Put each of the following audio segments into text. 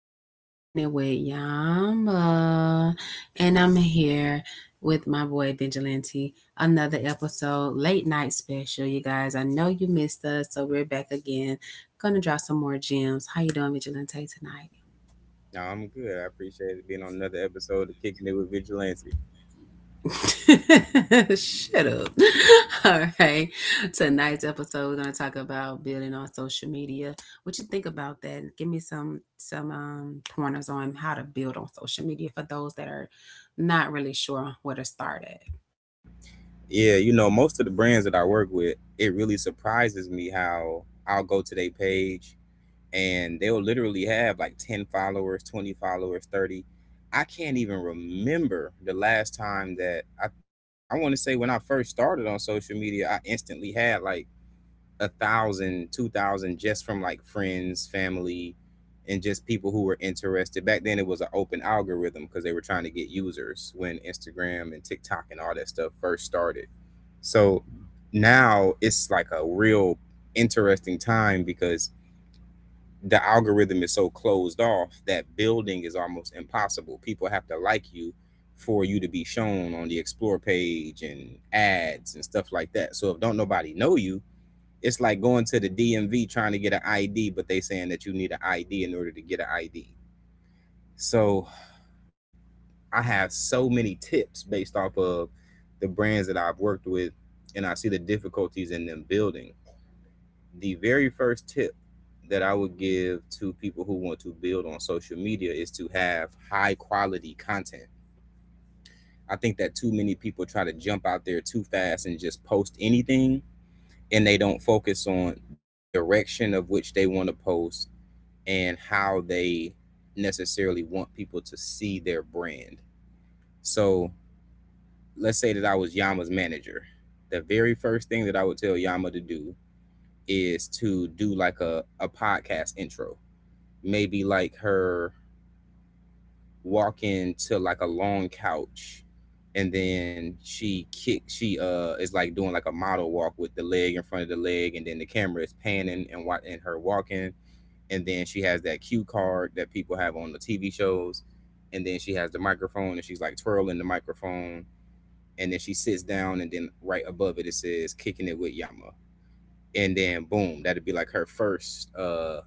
is your girl kicking it with Yama, and I'm here with my boy Vigilante. Another episode, late night special, you guys. I know you missed us, so we're back again. Gonna drop some more gems. How you doing, Vigilante, tonight? No, I'm good. I appreciate it being on another episode of Kicking It with Vigilante. Shut up. All right. Tonight's episode, we're gonna talk about building on social media. What you think about that? Give me some pointers on how to build on social media for those that are not really sure where to start at. Yeah, you know, most of the brands that I work with, it really surprises me how I'll go to their page and they'll literally have like 10 followers, 20 followers, 30. I can't even remember the last time that I want to say when I first started on social media, I instantly had like a thousand, 2,000 just from like friends, family, and just people who were interested. Back then, it was an open algorithm because they were trying to get users when Instagram and TikTok and all that stuff first started. So now it's like a real interesting time because the algorithm is so closed off that building is almost impossible. People have to like you for you to be shown on the explore page and ads and stuff like that. So if don't nobody know you, it's like going to the DMV trying to get an ID, but they saying that you need an ID in order to get an ID. So I have so many tips based off of the brands that I've worked with, and I see the difficulties in them building. The very first tip that I would give to people who want to build on social media is to have high quality content. I think that too many people try to jump out there too fast and just post anything, and they don't focus on the direction of which they want to post and how they necessarily want people to see their brand. So let's say that I was Yama's manager. The very first thing that I would tell Yama to do is to do like a podcast intro. Maybe like her walk into like a long couch, and then she is like doing like a model walk with the leg in front of the leg, and then the camera is panning and what and her walking, and then she has that cue card that people have on the TV shows, and then she has the microphone and she's like twirling the microphone, and then she sits down and then right above it it says kicking it with Yama, and then boom, that'd be like her first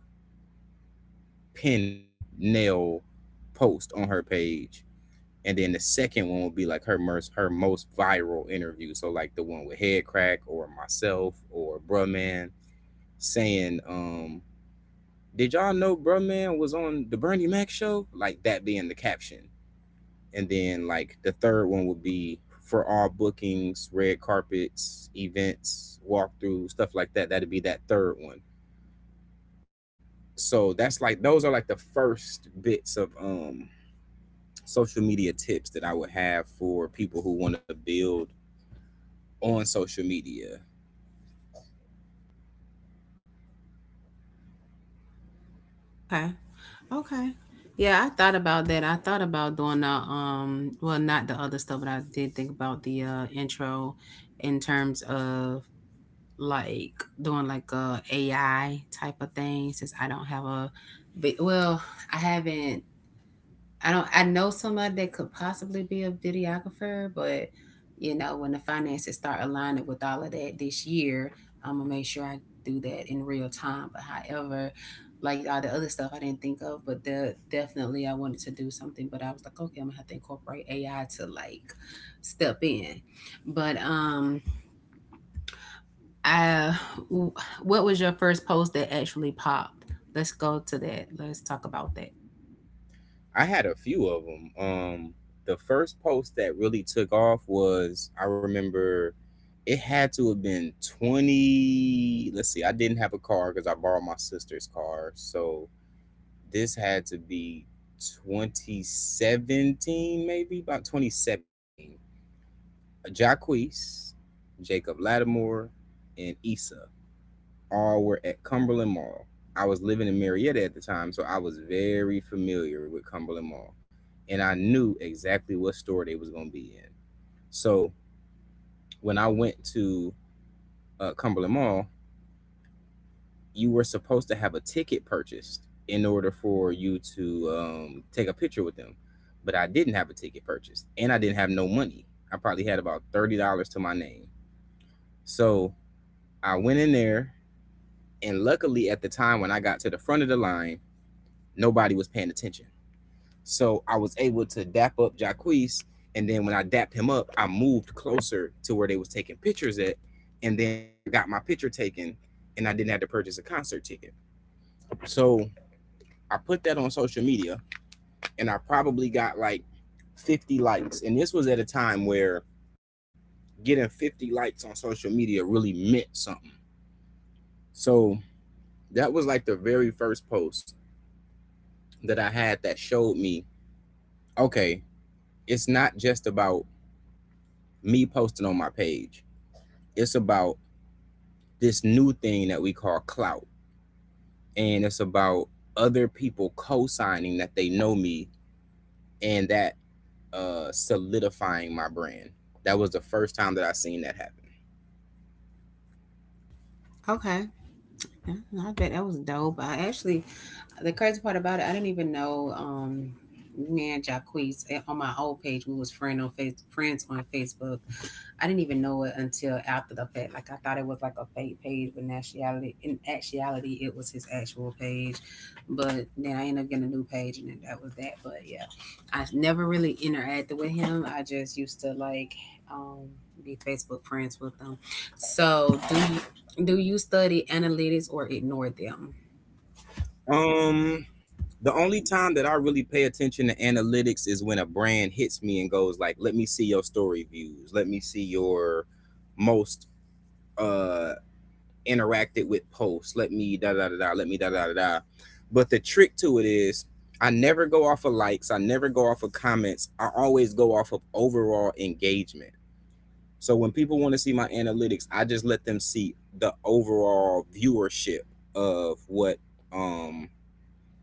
pinned nail post on her page, and then the second one would be like her most viral interview, so like the one with Headcrack or myself or Bruh Man saying did y'all know Bruh Man was on the Bernie Mac show? Like that being the caption. And then like the third one would be for all bookings, red carpets, events, walkthrough, stuff like that. That'd be that third one. So that's like those are like the first bits of social media tips that I would have for people who want to build on social media. Okay. Okay. Yeah, I thought about that. I thought about doing the well, not the other stuff, but I did think about the intro in terms of like doing like a AI type of thing since I don't have a, but well, I haven't, I don't, I know somebody that could possibly be a videographer, but you know, when the finances start aligning with all of that this year, I'm gonna make sure I do that in real time. But however, like all the other stuff I didn't think of, but the, definitely I wanted to do something, but I was like, okay, I'm gonna have to incorporate AI to like step in. But um I w- what was your first post that actually popped? Let's go to that. Let's talk about that. I had a few of them. The first post that really took off was I remember it had to have been 20. Let's see, I didn't have a car because I borrowed my sister's car. So this had to be 2017, maybe about 2017. Jacquees, Jacob Lattimore, and Issa all were at Cumberland Mall. I was living in Marietta at the time, so I was very familiar with Cumberland Mall, and I knew exactly what store they was going to be in. So when I went to Cumberland Mall, you were supposed to have a ticket purchased in order for you to take a picture with them, but I didn't have a ticket purchased, and I didn't have no money. I probably had about $30 to my name. So I went in there, and luckily at the time when I got to the front of the line nobody was paying attention. So I was able to dap up Jacquees, and then when I dapped him up, I moved closer to where they was taking pictures at, and then I got my picture taken, and I didn't have to purchase a concert ticket. So I put that on social media, and I probably got like 50 likes, and this was at a time where getting 50 likes on social media really meant something. So that was like the very first post that I had that showed me, okay, it's not just about me posting on my page. It's about this new thing that we call clout. And it's about other people co signing that they know me and that solidifying my brand. That was the first time that I seen that happen. Okay. Yeah, I bet that was dope. I actually, the crazy part about it, I didn't even know me and Jacquees on my old page, we was friends on Facebook. I didn't even know it until after the fact. Like I thought it was like a fake page, but in actuality it was his actual page. But then I ended up getting a new page and then that was that. But yeah. I never really interacted with him. I just used to like, um be Facebook friends with them. So do you study analytics or ignore them? Um, the only time that I really pay attention to analytics is when a brand hits me and goes like, "Let me see your story views. Let me see your most uh interacted with posts. Let me da da da da. Let me da da da da." But the trick to it is, I never go off of likes. I never go off of comments. I always go off of overall engagement. So when people want to see my analytics, I just let them see the overall viewership of what um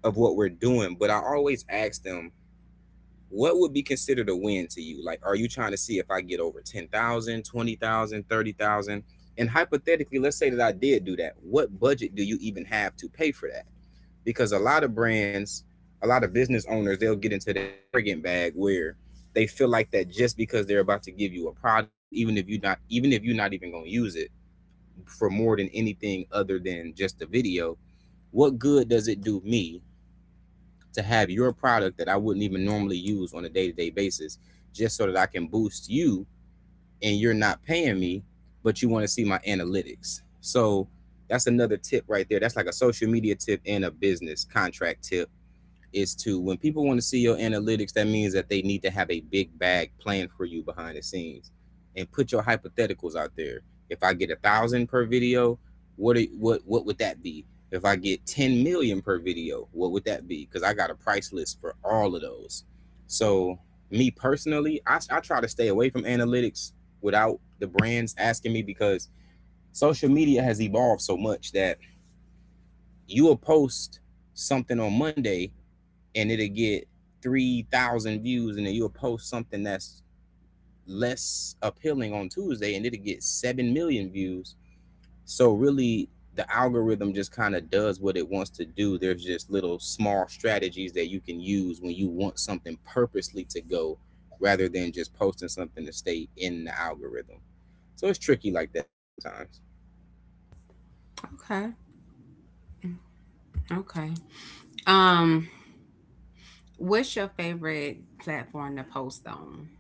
of what we're doing. But I always ask them what would be considered a win to you? Like, are you trying to see if I get over 10,000, 20,000, 30,000? And hypothetically, let's say that I did do that. What budget do you even have to pay for that? Because a lot of brands, a lot of business owners, they'll get into their arrogant bag where they feel like that just because they're about to give you a product, even if you're not even going to use it for more than anything other than just the video, what good does it do me to have your product that I wouldn't even normally use on a day to day basis, just so that I can boost you and you're not paying me, but you want to see my analytics. So that's another tip right there. That's like a social media tip and a business contract tip is to when people want to see your analytics, that means that they need to have a big bag plan for you behind the scenes and put your hypotheticals out there. If I get a thousand per video, what are, what would that be? If I get 10 million per video, what would that be? Because I got a price list for all of those. So me personally, I try to stay away from analytics without the brands asking me because social media has evolved so much that you will post something on Monday and it'll get 3,000 views, and then you'll post something that's less appealing on Tuesday and it'll get 7 million views. So really the algorithm just kind of does what it wants to do. There's just little small strategies that you can use when you want something purposely to go rather than just posting something to stay in the algorithm. So it's tricky like that sometimes. Okay. Okay. Um, what's your favorite platform to post on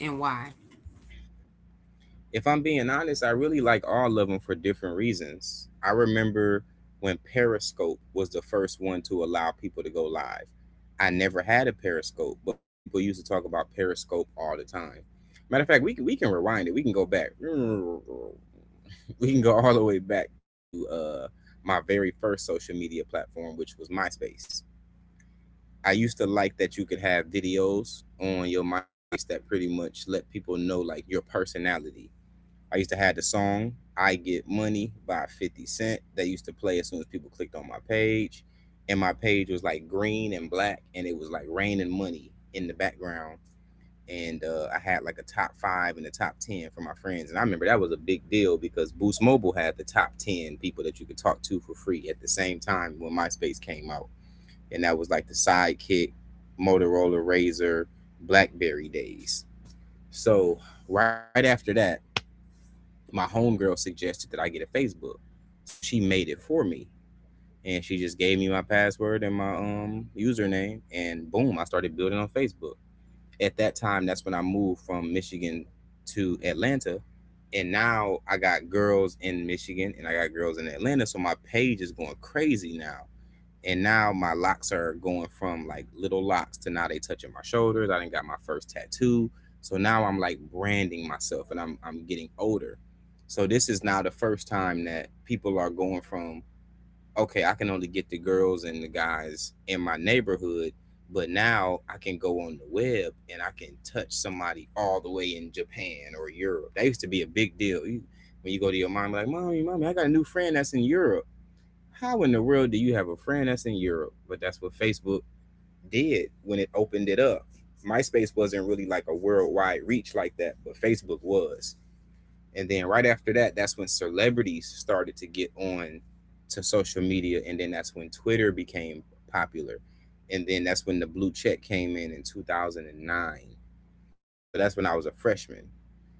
and why? If I'm being honest, I really like all of them for different reasons. I remember when Periscope was the first one to allow people to go live. I never had a Periscope, but people used to talk about Periscope all the time. Matter of fact, we can rewind it. We can go back. We can go all the way back to my very first social media platform, which was MySpace. I used to like that you could have videos on your MySpace that pretty much let people know like your personality. I used to have the song I Get Money by 50 Cent that used to play as soon as people clicked on my page. And my page was like green and black and it was like raining money in the background. And I had like a top five and a top 10 for my friends. And I remember that was a big deal because Boost Mobile had the top 10 people that you could talk to for free at the same time when MySpace came out. And that was like the sidekick, Motorola Razor, Blackberry days. So right after that, my homegirl suggested that I get a Facebook. So she made it for me. And she just gave me my password and my username and boom, I started building on Facebook. At that time, that's when I moved from Michigan to Atlanta. And now I got girls in Michigan and I got girls in Atlanta. So my page is going crazy now and now my locks are going from like little locks to now they touching my shoulders. I didn't got my first tattoo, so now I'm like branding myself, and I'm getting older. So this is now the first time that people are going from okay, I can only get the girls and the guys in my neighborhood, but now I can go on the web and I can touch somebody all the way in Japan or Europe. That used to be a big deal. You, when you go to your mom, like, mommy, mommy, I got a new friend that's in Europe. How in the world do you have a friend that's in Europe? But that's what Facebook did when it opened it up. MySpace wasn't really like a worldwide reach like that, but Facebook was. And then right after that, that's when celebrities started to get on to social media. And then that's when Twitter became popular. And then that's when the blue check came in 2009. So that's when I was a freshman.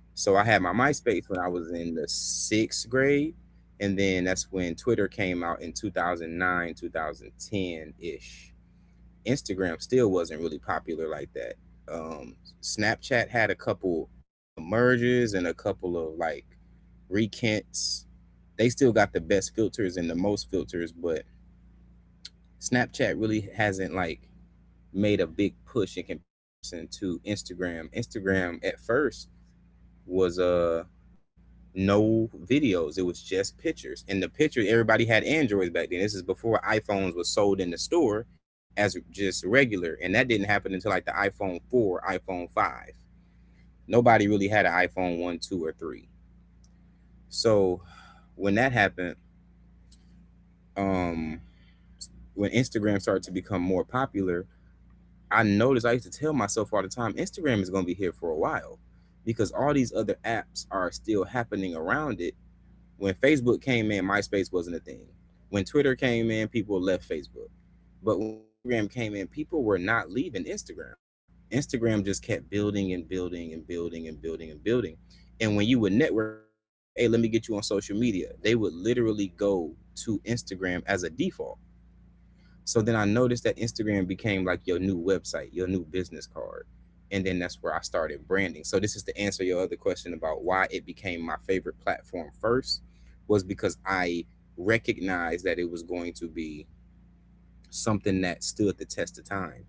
So I had my MySpace when I was in the sixth grade, and then that's when Twitter came out in 2009, 2010 ish. Instagram still wasn't really popular like that. Um, Snapchat had a couple of merges and a couple of like rekins. They still got the best filters and the most filters, but Snapchat really hasn't like made a big push in comparison to Instagram. Instagram at first was no videos. It was just pictures. And the picture, everybody had Androids back then. This is before iPhones was sold in the store as just regular. And that didn't happen until like the iPhone 4, iPhone 5. Nobody really had an iPhone 1, 2, or 3. So when that happened, um, when Instagram started to become more popular, I noticed I used to tell myself all the time, Instagram is going to be here for a while because all these other apps are still happening around it. When Facebook came in, MySpace wasn't a thing. When Twitter came in, people left Facebook. But when Instagram came in, people were not leaving Instagram. Instagram just kept building and building and building and building and building. And when you would network, people would be like, hey, let me get you on social media. They would literally go to Instagram as a default, so then I noticed that Instagram became like your new website, your new business card. And then that's where I started branding. So this is to answer your other question about why it became my favorite platform first was because I recognized that it was going to be something that stood the test of time.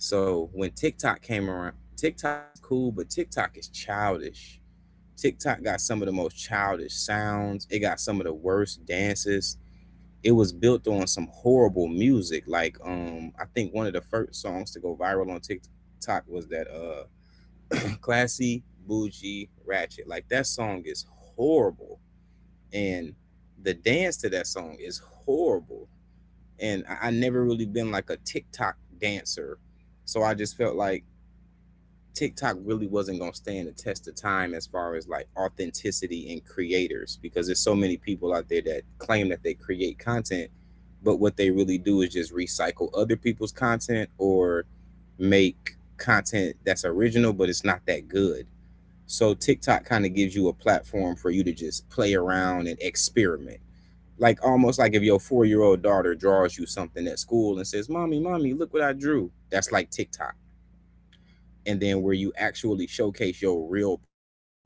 So when TikTok came around, TikTok is cool, but TikTok is childish. TikTok got some of the most childish sounds. It got some of the worst dances. It was built on some horrible music. Like I think one of the first songs to go viral on TikTok was that "Classy Bougie Ratchet." Like that song is horrible, and the dance to that song is horrible. And I never really been like a TikTok dancer, so I just felt like TikTok really wasn't gonna stand the test of time as far as like authenticity and creators because there's so many people out there that claim that they create content, but what they really do is just recycle other people's content or make content that's original but it's not that good. So TikTok kind of gives you a platform for you to just play around and experiment. Like almost like if your 4 year old daughter draws you something at school and says, mommy, mommy, look what I drew. That's like TikTok, and then where you actually showcase your real painting,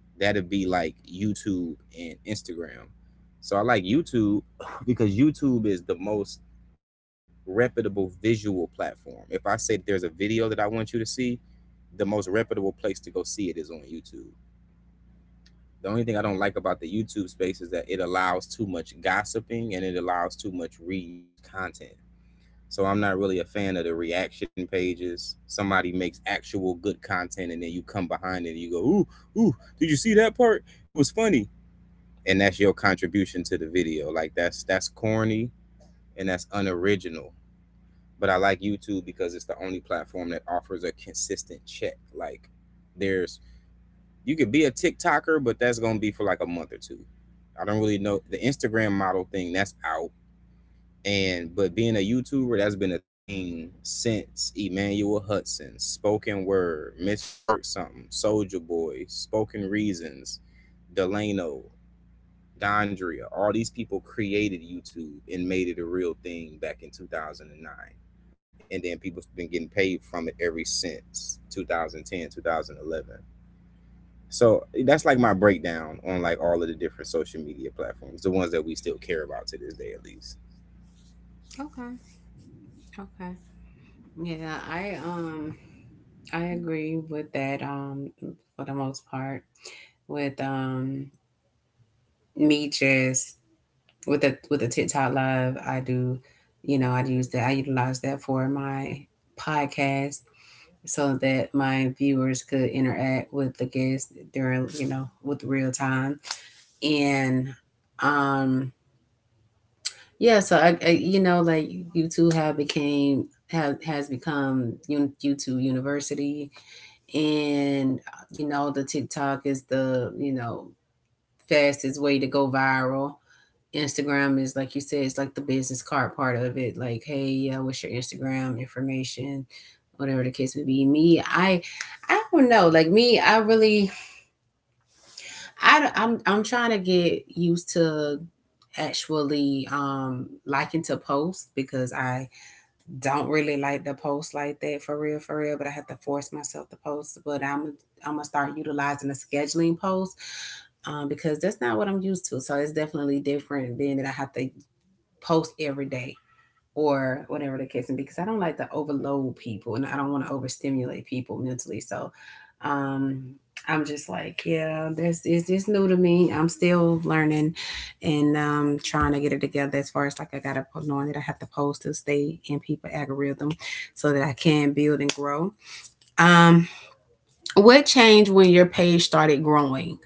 that'd be like YouTube and Instagram. So I like YouTube because YouTube is the most reputable visual platform. If I say there's a video that I want you to see, the most reputable place to go see it is on YouTube. The only thing I don't like about the YouTube space is that it allows too much gossiping and it allows too much reused content. So I'm not really a fan of the reaction pages. Somebody makes actual good content and then you come behind it and you go, ooh, ooh, did you see that part? It was funny. And that's your contribution to the video. Like that's corny and that's unoriginal. But I like YouTube because it's the only platform that offers a consistent check. Like there's, you could be a TikToker, but that's gonna be for like a month or two. I don't really know the Instagram model thing, that's out, and but being a YouTuber, that's been a thing since Emmanuel Hudson, spoken word, Miss Twerk something, Soldier Boy, Spoken Reasons, Delano, Dondria. All these people created YouTube and made it a real thing back in 2009. And then people's been getting paid from it ever since 2010, 2011. So that's like my breakdown on like all of the different social media platforms, the ones that we still care about to this day at least. Okay. Okay. Yeah, I agree with that for the most part with me, just with the TikTok live I do, you know, I use that, I utilize that for my podcast so that my viewers could interact with the guests during, you know, with real time. And um Yeah, so I you know, like, YouTube have became have has become YouTube University, and you know, the TikTok is the, you know, fastest way to go viral. Instagram is like you said, it's like the business card part of it, like, hey, yeah, what's your Instagram information, whatever the case may be. Me I don't know, like, me, I really, I don't- I'm trying to get used to actually liking to post, because I don't really like to post like that for real, but I have to force myself to post. But I'm gonna start utilizing a scheduling post, because that's not what I'm used to. So it's definitely different, being that I have to post every day or whatever the case may be, because I don't like to overload people and I don't want to overstimulate people mentally. So um I'm just like, yeah, this is this new to me, I'm still learning, and trying to get it together as far as like, I gotta knowing that I have to post to stay in people algorithm so that I can build and grow. Um, what changed when your page started growing?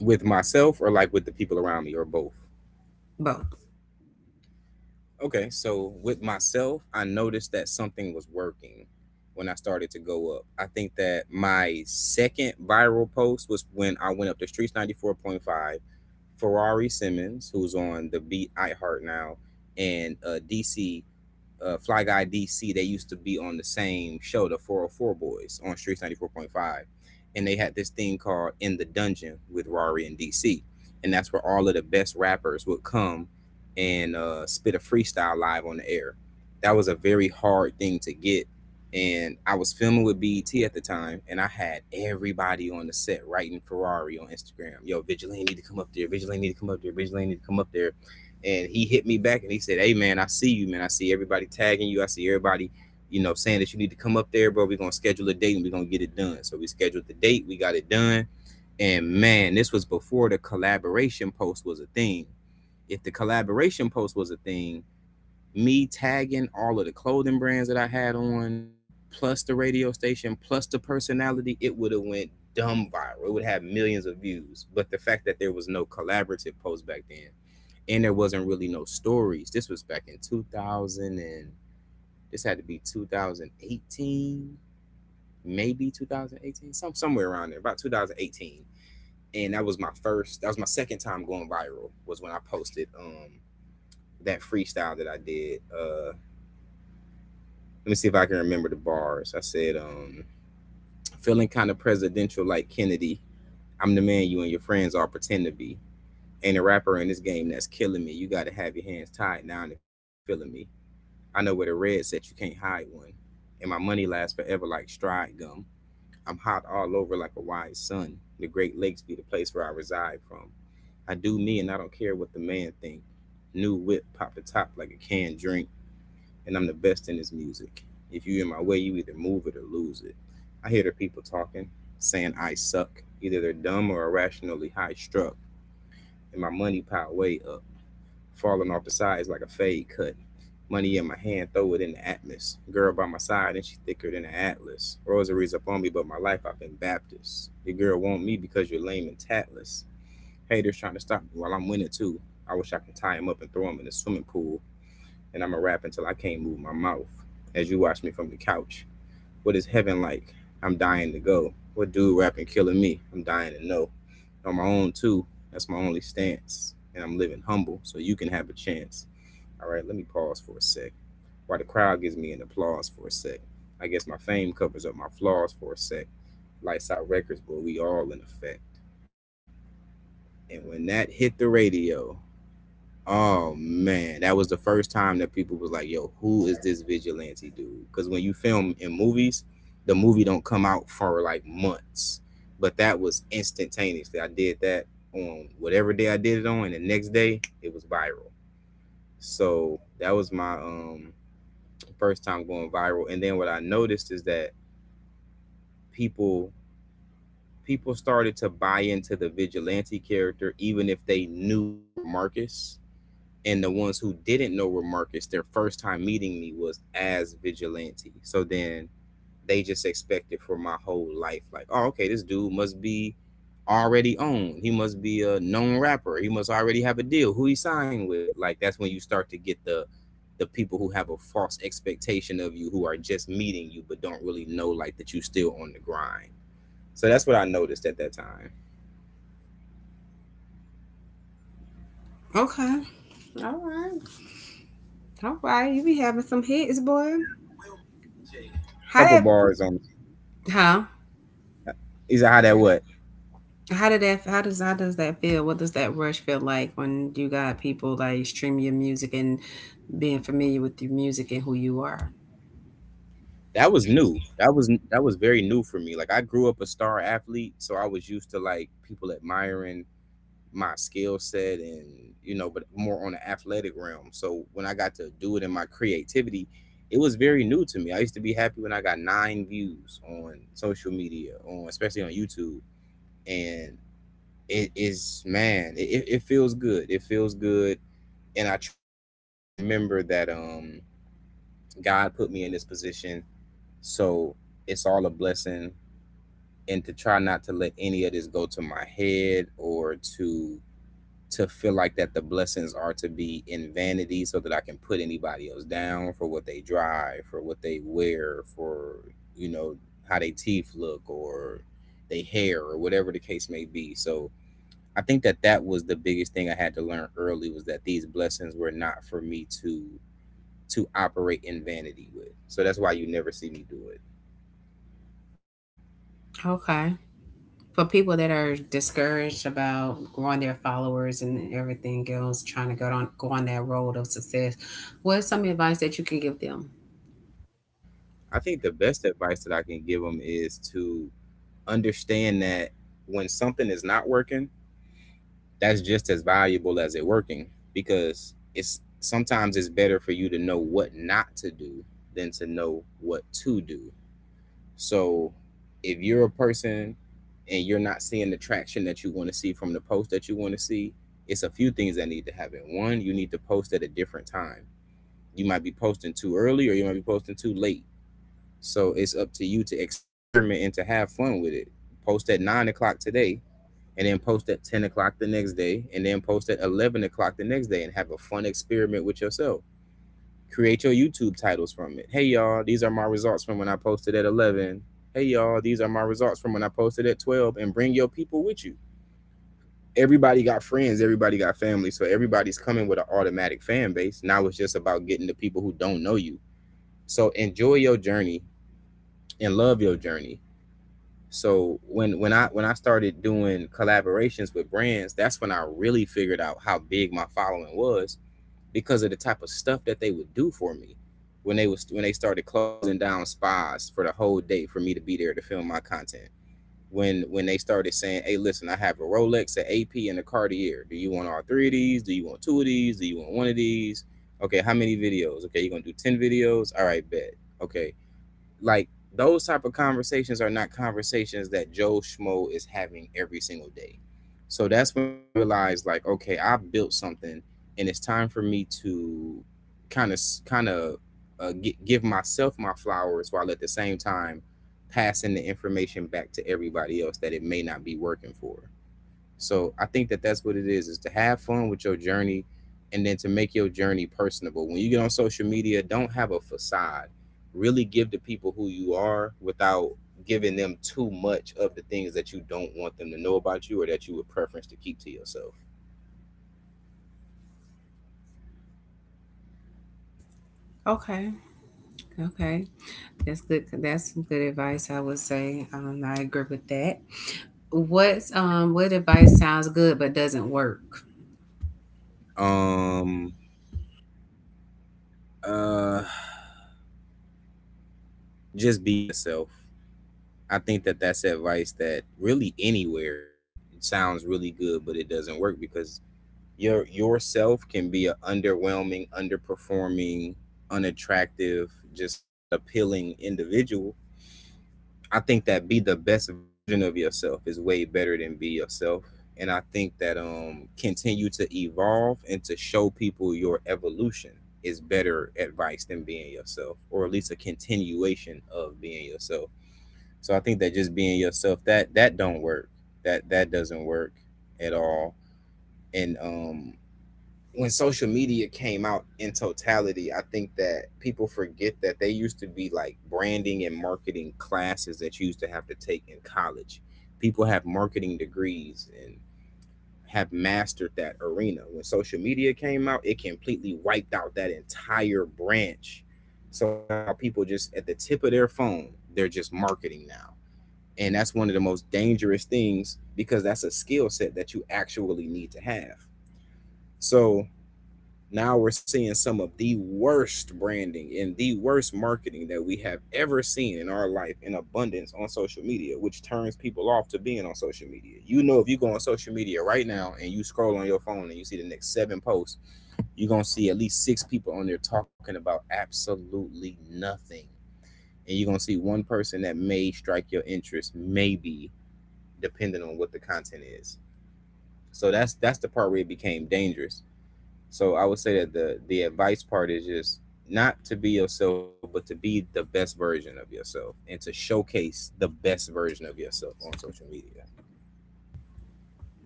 With myself or like with the people around me or both? Both. Okay, so with myself, I noticed that something was working when I started to go up. I think that my second viral post was when I went up to Streets 94.5. Ferrari Simmons, who's on The Beat iHeart now, and dc Fly Guy DC, they used to be on the same show, the 404 Boys, on Streets 94.5. And they had this thing called In the Dungeon with Rari and DC. And that's where all of the best rappers would come and spit a freestyle live on the air. That was a very hard thing to get. And I was filming with BET at the time, and I had everybody on the set writing Ferrari on Instagram. Yo, Vigilante need to come up there. Vigilante need to come up there. Vigilante need to come up there. And he hit me back and he said, "Hey man, I see you, man. I see everybody tagging you. I see everybody, you know, saying that you need to come up there, bro. We're gonna schedule a date and we're gonna get it done." So we scheduled the date, we got it done, and man, this was before the collaboration post was a thing. If the collaboration post was a thing, me tagging all of the clothing brands that I had on, plus the radio station, plus the personality, it would have went dumb viral. It would have millions of views. But the fact that there was no collaborative post back then, and there wasn't really no stories. This was back in 2000 and, this had to be 2018, maybe 2018, somewhere around there, about 2018. And that was my first. That was my second time going viral. Was when I posted that freestyle that I did. Let me see if I can remember the bars. I said, feeling kind of presidential like Kennedy. I'm the man you and your friends all pretend to be. Ain't a rapper in this game that's killing me. You gotta have your hands tied now if you ain't feeling me. I know where the red set, you can't hide one. And my money lasts forever like stride gum. I'm hot all over like a wise sun. The Great Lakes be the place where I reside from. I do me and I don't care what the man think. New whip pop the top like a canned drink, and I'm the best in this music. If you in my way, you either move it or lose it. I hear the people talking, saying I suck. Either they're dumb or irrationally high struck, and my money pile way up, falling off the sides like a fade cut. Money in my hand, throw it in the atlas. Girl by my side, and she thicker than an atlas. Rosaries up on me, but my life I've been Baptist. Your girl want me because you're lame and tatless. Haters trying to stop me while I'm winning too. I wish I could tie him up and throw him in the swimming pool, and I'm gonna rap until I can't move my mouth. As you watch me from the couch, what is heaven like? I'm dying to go. What dude rapping killing me? I'm dying to know. On my own too. That's my only stance, and I'm living humble, so you can have a chance. All right, let me pause for a sec. While the crowd gives me an applause for a sec, I guess my fame covers up my flaws for a sec. Lights out records, but we all in effect. And when that hit the radio, oh man, that was the first time that people was like, "Yo, who is this vigilante dude?" Because when you film in movies, the movie don't come out for like months, but that was instantaneously. I did that on whatever day I did it on, and the next day it was viral. So that was my first time going viral. And then what I noticed is that people people started to buy into the vigilante character, even if they knew Remarcus, and the ones who didn't know were Marcus, their first time meeting me was as vigilante. So then they just expected for my whole life, like, oh, okay, this dude must be already owned. He must be a known rapper. He must already have a deal. Who he signed with? Like that's when you start to get the people who have a false expectation of you, who are just meeting you but don't really know like that you still on the grind. So that's what I noticed at that time. Okay. All right. All right, you be having some hits, boy. Couple How that? bars on. Huh? Is that how that what? How did that? How does that feel? What does that rush feel like when you got people like stream your music and being familiar with your music and who you are? That was new. That was very new for me. Like I grew up a star athlete, so I was used to like people admiring my skill set, and you know, but more on the athletic realm. So when I got to do it in my creativity, it was very new to me. I used to be happy when I got nine views on social media, on especially on YouTube, and it is, man, it feels good. It feels good, and I try to remember that God put me in this position, so it's all a blessing, and to try not to let any of this go to my head, or to feel like that the blessings are to be in vanity so that I can put anybody else down for what they drive, for what they wear, for you know how they teeth look, or they hair, or whatever the case may be. So I think that that was the biggest thing I had to learn early, was that these blessings were not for me to operate in vanity with. So that's why you never see me do it. Okay, for people that are discouraged about growing their followers and everything else, trying to go on that road of success, what's some advice that you can give them? I think the best advice that I can give them is to understand that when something is not working, that's just as valuable as it working, because it's sometimes it's better for you to know what not to do than to know what to do. So if you're a person and you're not seeing the traction that you want to see from the post that you want to see, it's a few things that need to happen. One, you need to post at a different time. You might be posting too early or you might be posting too late. So it's up to you to experiment and to have fun with it. Post at 9 o'clock today, and then post at 10 o'clock the next day, and then post at 11 o'clock the next day, and have a fun experiment with yourself. Create your YouTube titles from it. Hey, y'all, these are my results from when I posted at 11. Hey, y'all, these are my results from when I posted at 12. And bring your people with you. Everybody got friends, everybody got family, so everybody's coming with an automatic fan base. Now it's just about getting the people who don't know you. So enjoy your journey and love your journey. So when I started doing collaborations with brands, that's when I really figured out how big my following was, because of the type of stuff that they would do for me. When they started closing down spas for the whole day for me to be there to film my content. When they started saying, "Hey, listen, I have a Rolex, an AP, and a Cartier. Do you want all three of these? Do you want two of these? Do you want one of these? Okay, how many videos? Okay, you're gonna do ten videos. All right, bet. Okay," like, those type of conversations are not conversations that Joe Schmo is having every single day. So that's when I realized, like, okay, I built something, and it's time for me to kind of give myself my flowers while at the same time passing the information back to everybody else that it may not be working for. So I think that that's what it is to have fun with your journey, and then to make your journey personable. When you get on social media, don't have a facade. Really give the people who you are without giving them too much of the things that you don't want them to know about you, or that you would preference to keep to yourself. Okay, okay, that's good. That's some good advice. I would say, I agree with that. What's what advice sounds good but doesn't work? Um, uh, just be yourself. I think that that's advice that really anywhere sounds really good, but it doesn't work because yourself can be an underwhelming, underperforming, unattractive, just not appealing individual. I think that be the best version of yourself is way better than be yourself. And I think that continue to evolve and to show people your evolution is better advice than being yourself, or at least a continuation of being yourself. So I think that just being yourself, that don't work. That doesn't work at all. And when social media came out in totality, I think that people forget that they used to be like branding and marketing classes that you used to have to take in college. People have marketing degrees and have mastered that arena. When social media came out, it completely wiped out that entire branch. So now people just at the tip of their phone, they're just marketing now. And that's one of the most dangerous things, because that's a skill set that you actually need to have. So now we're seeing some of the worst branding and the worst marketing that we have ever seen in our life in abundance on social media, which turns people off to being on social media. You know, if you go on social media right now and you scroll on your phone and you see the next seven posts, you're going to see at least six people on there talking about absolutely nothing. And you're going to see one person that may strike your interest, maybe, depending on what the content is. So that's the part where it became dangerous. So I would say that the advice part is just not to be yourself, but to be the best version of yourself, and to showcase the best version of yourself on social media.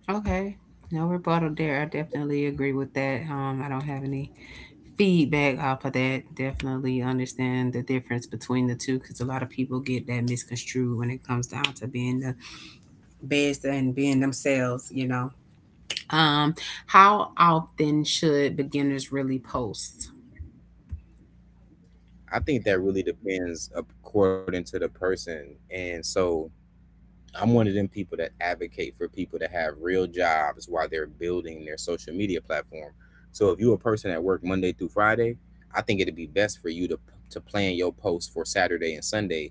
Okay. No rebuttal there. I definitely agree with that. I don't have any feedback off of that. Definitely understand the difference between the two, because a lot of people get that misconstrued when it comes down to being the best and being themselves, you know. Um, how often should beginners really post? I think that really depends according to the person. And so I'm one of them people that advocate for people to have real jobs while they're building their social media platform. So if you're a person that work Monday through Friday, I think it'd be best for you to plan your post for Saturday and Sunday.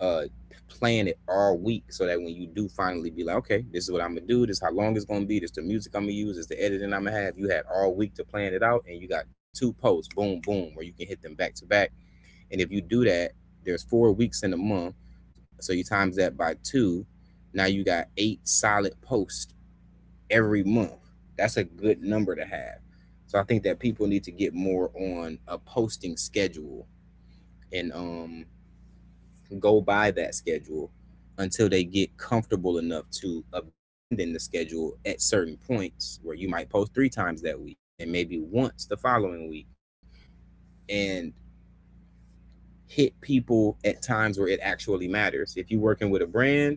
Uh, plan it all week, so that when you do finally be like, okay, this is what I'm gonna do. This is how long it's gonna be. This is the music I'm gonna use. This is the editing I'm gonna have. You had all week to plan it out, and you got two posts, boom, boom, where you can hit them back to back. And if you do that, there's 4 weeks in a month, so you times that by two. Now you got eight solid posts every month. That's a good number to have. So I think that people need to get more on a posting schedule, and go by that schedule until they get comfortable enough to abandon the schedule at certain points, where you might post three times that week and then maybe once the following week, and hit people at times where it actually matters. If you're working with a brand,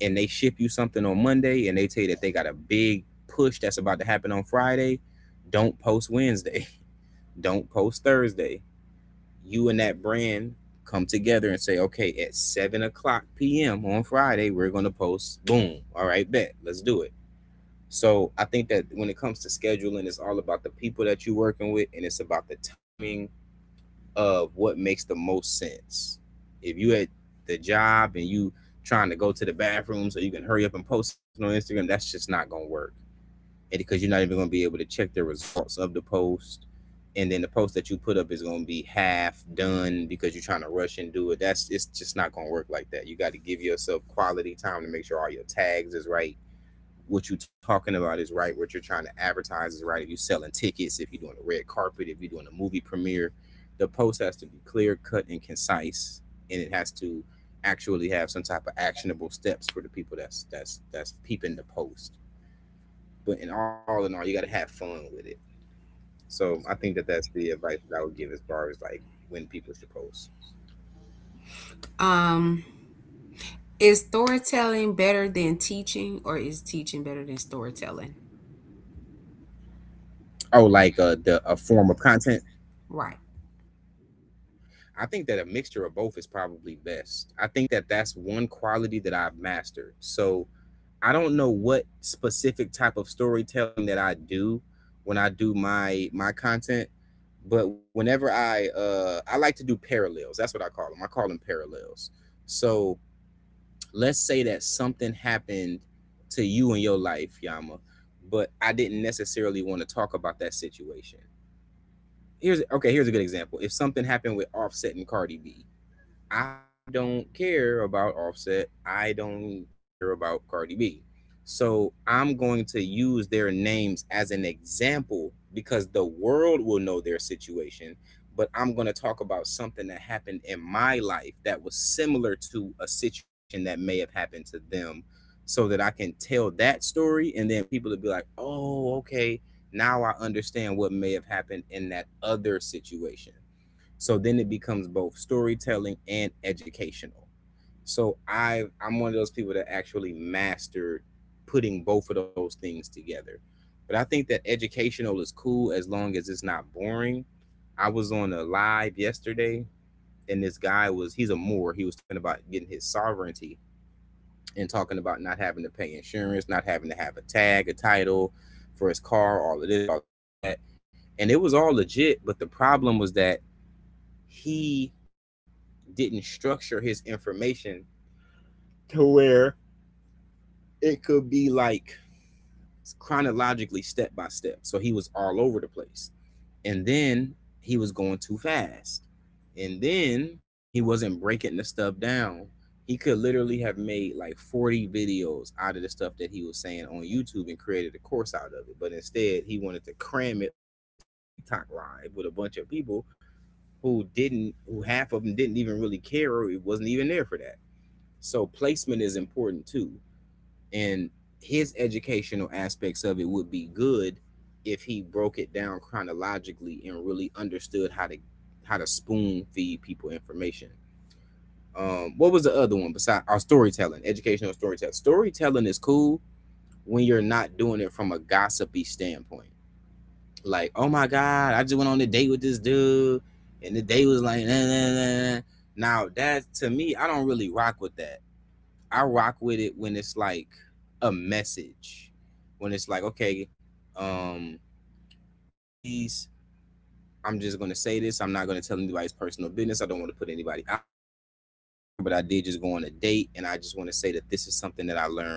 and they ship you something on Monday and they tell you that they got a big push that's about to happen on Friday, don't post Wednesday. Don't post Thursday. You and that brand come together and say, okay, at 7 o'clock p.m. on Friday, we're going to post. Boom. All right, bet. Let's do it. So I think that when it comes to scheduling, it's all about the people that you're working with, and it's about the timing of what makes the most sense. If you at the job and you trying to go to the bathroom so you can hurry up and post something on Instagram, that's just not gonna work. And because you're not even gonna be able to check the results of the post. And then the post that you put up is gonna be half done because you're trying to rush and do it. That's, it's just not gonna work like that. You gotta give yourself quality time to make sure all your tags is right, what you're talking about is right, what you're trying to advertise is right. If you're selling tickets, if you're doing a red carpet, if you're doing a movie premiere, the post has to be clear, cut, and concise, and it has to actually have some type of actionable steps for the people that's peeping the post. But in all, you got to have fun with it. So I think that that's the advice that I would give as far as like when people should post. Um, is storytelling better than teaching, or is teaching better than storytelling? Oh, like the a form of content. Right. I think that a mixture of both is probably best. I think that that's one quality that I've mastered. So I don't know what specific type of storytelling that I do when I do my content, but whenever I like to do parallels. That's what I call them. I call them parallels. So let's say that something happened to you in your life, Yama, but I didn't necessarily want to talk about that situation. Here's okay, here's a good example. If something happened with Offset and Cardi B, I don't care about Offset. I don't care about Cardi B. So I'm going to use their names as an example because the world will know their situation. But I'm going to talk about something that happened in my life that was similar to a situation that may have happened to them so that I can tell that story. And then people will be like, oh, okay, now I understand what may have happened in that other situation. So then it becomes both storytelling and educational. So I'm one of those people that actually mastered putting both of those things together. But I think that educational is cool as long as it's not boring. I was on a live yesterday, and this guy was he's a Moor. He was talking about getting his sovereignty and talking about not having to pay insurance, not having to have a tag, a title for his car, all of this, all of that. And it was all legit, but the problem was that he didn't structure his information to where it could be like chronologically step by step. So he was all over the place. And then he was going too fast. And then he wasn't breaking the stuff down. He could literally have made like 40 videos out of the stuff that he was saying on YouTube and created a course out of it. But instead, he wanted to cram it all into a TikTok live with a bunch of people who half of them didn't even really care or it wasn't even there for that. So placement is important too. And his educational aspects of it would be good if he broke it down chronologically and really understood how to spoon feed people information. What was the other one besides our storytelling, educational storytelling? Storytelling is cool when you're not doing it from a gossipy standpoint. Like, oh my God, I just went on a date with this dude, and the date was like, nah, nah, nah, nah. Now, that to me, I don't really rock with that. I rock with it when it's like a message. When it's like, okay, um, ladies, I'm just gonna say this. I'm not gonna tell anybody's personal business. I don't want to put anybody out there, but I did just go on a date, and I just want to say that this is something that I learned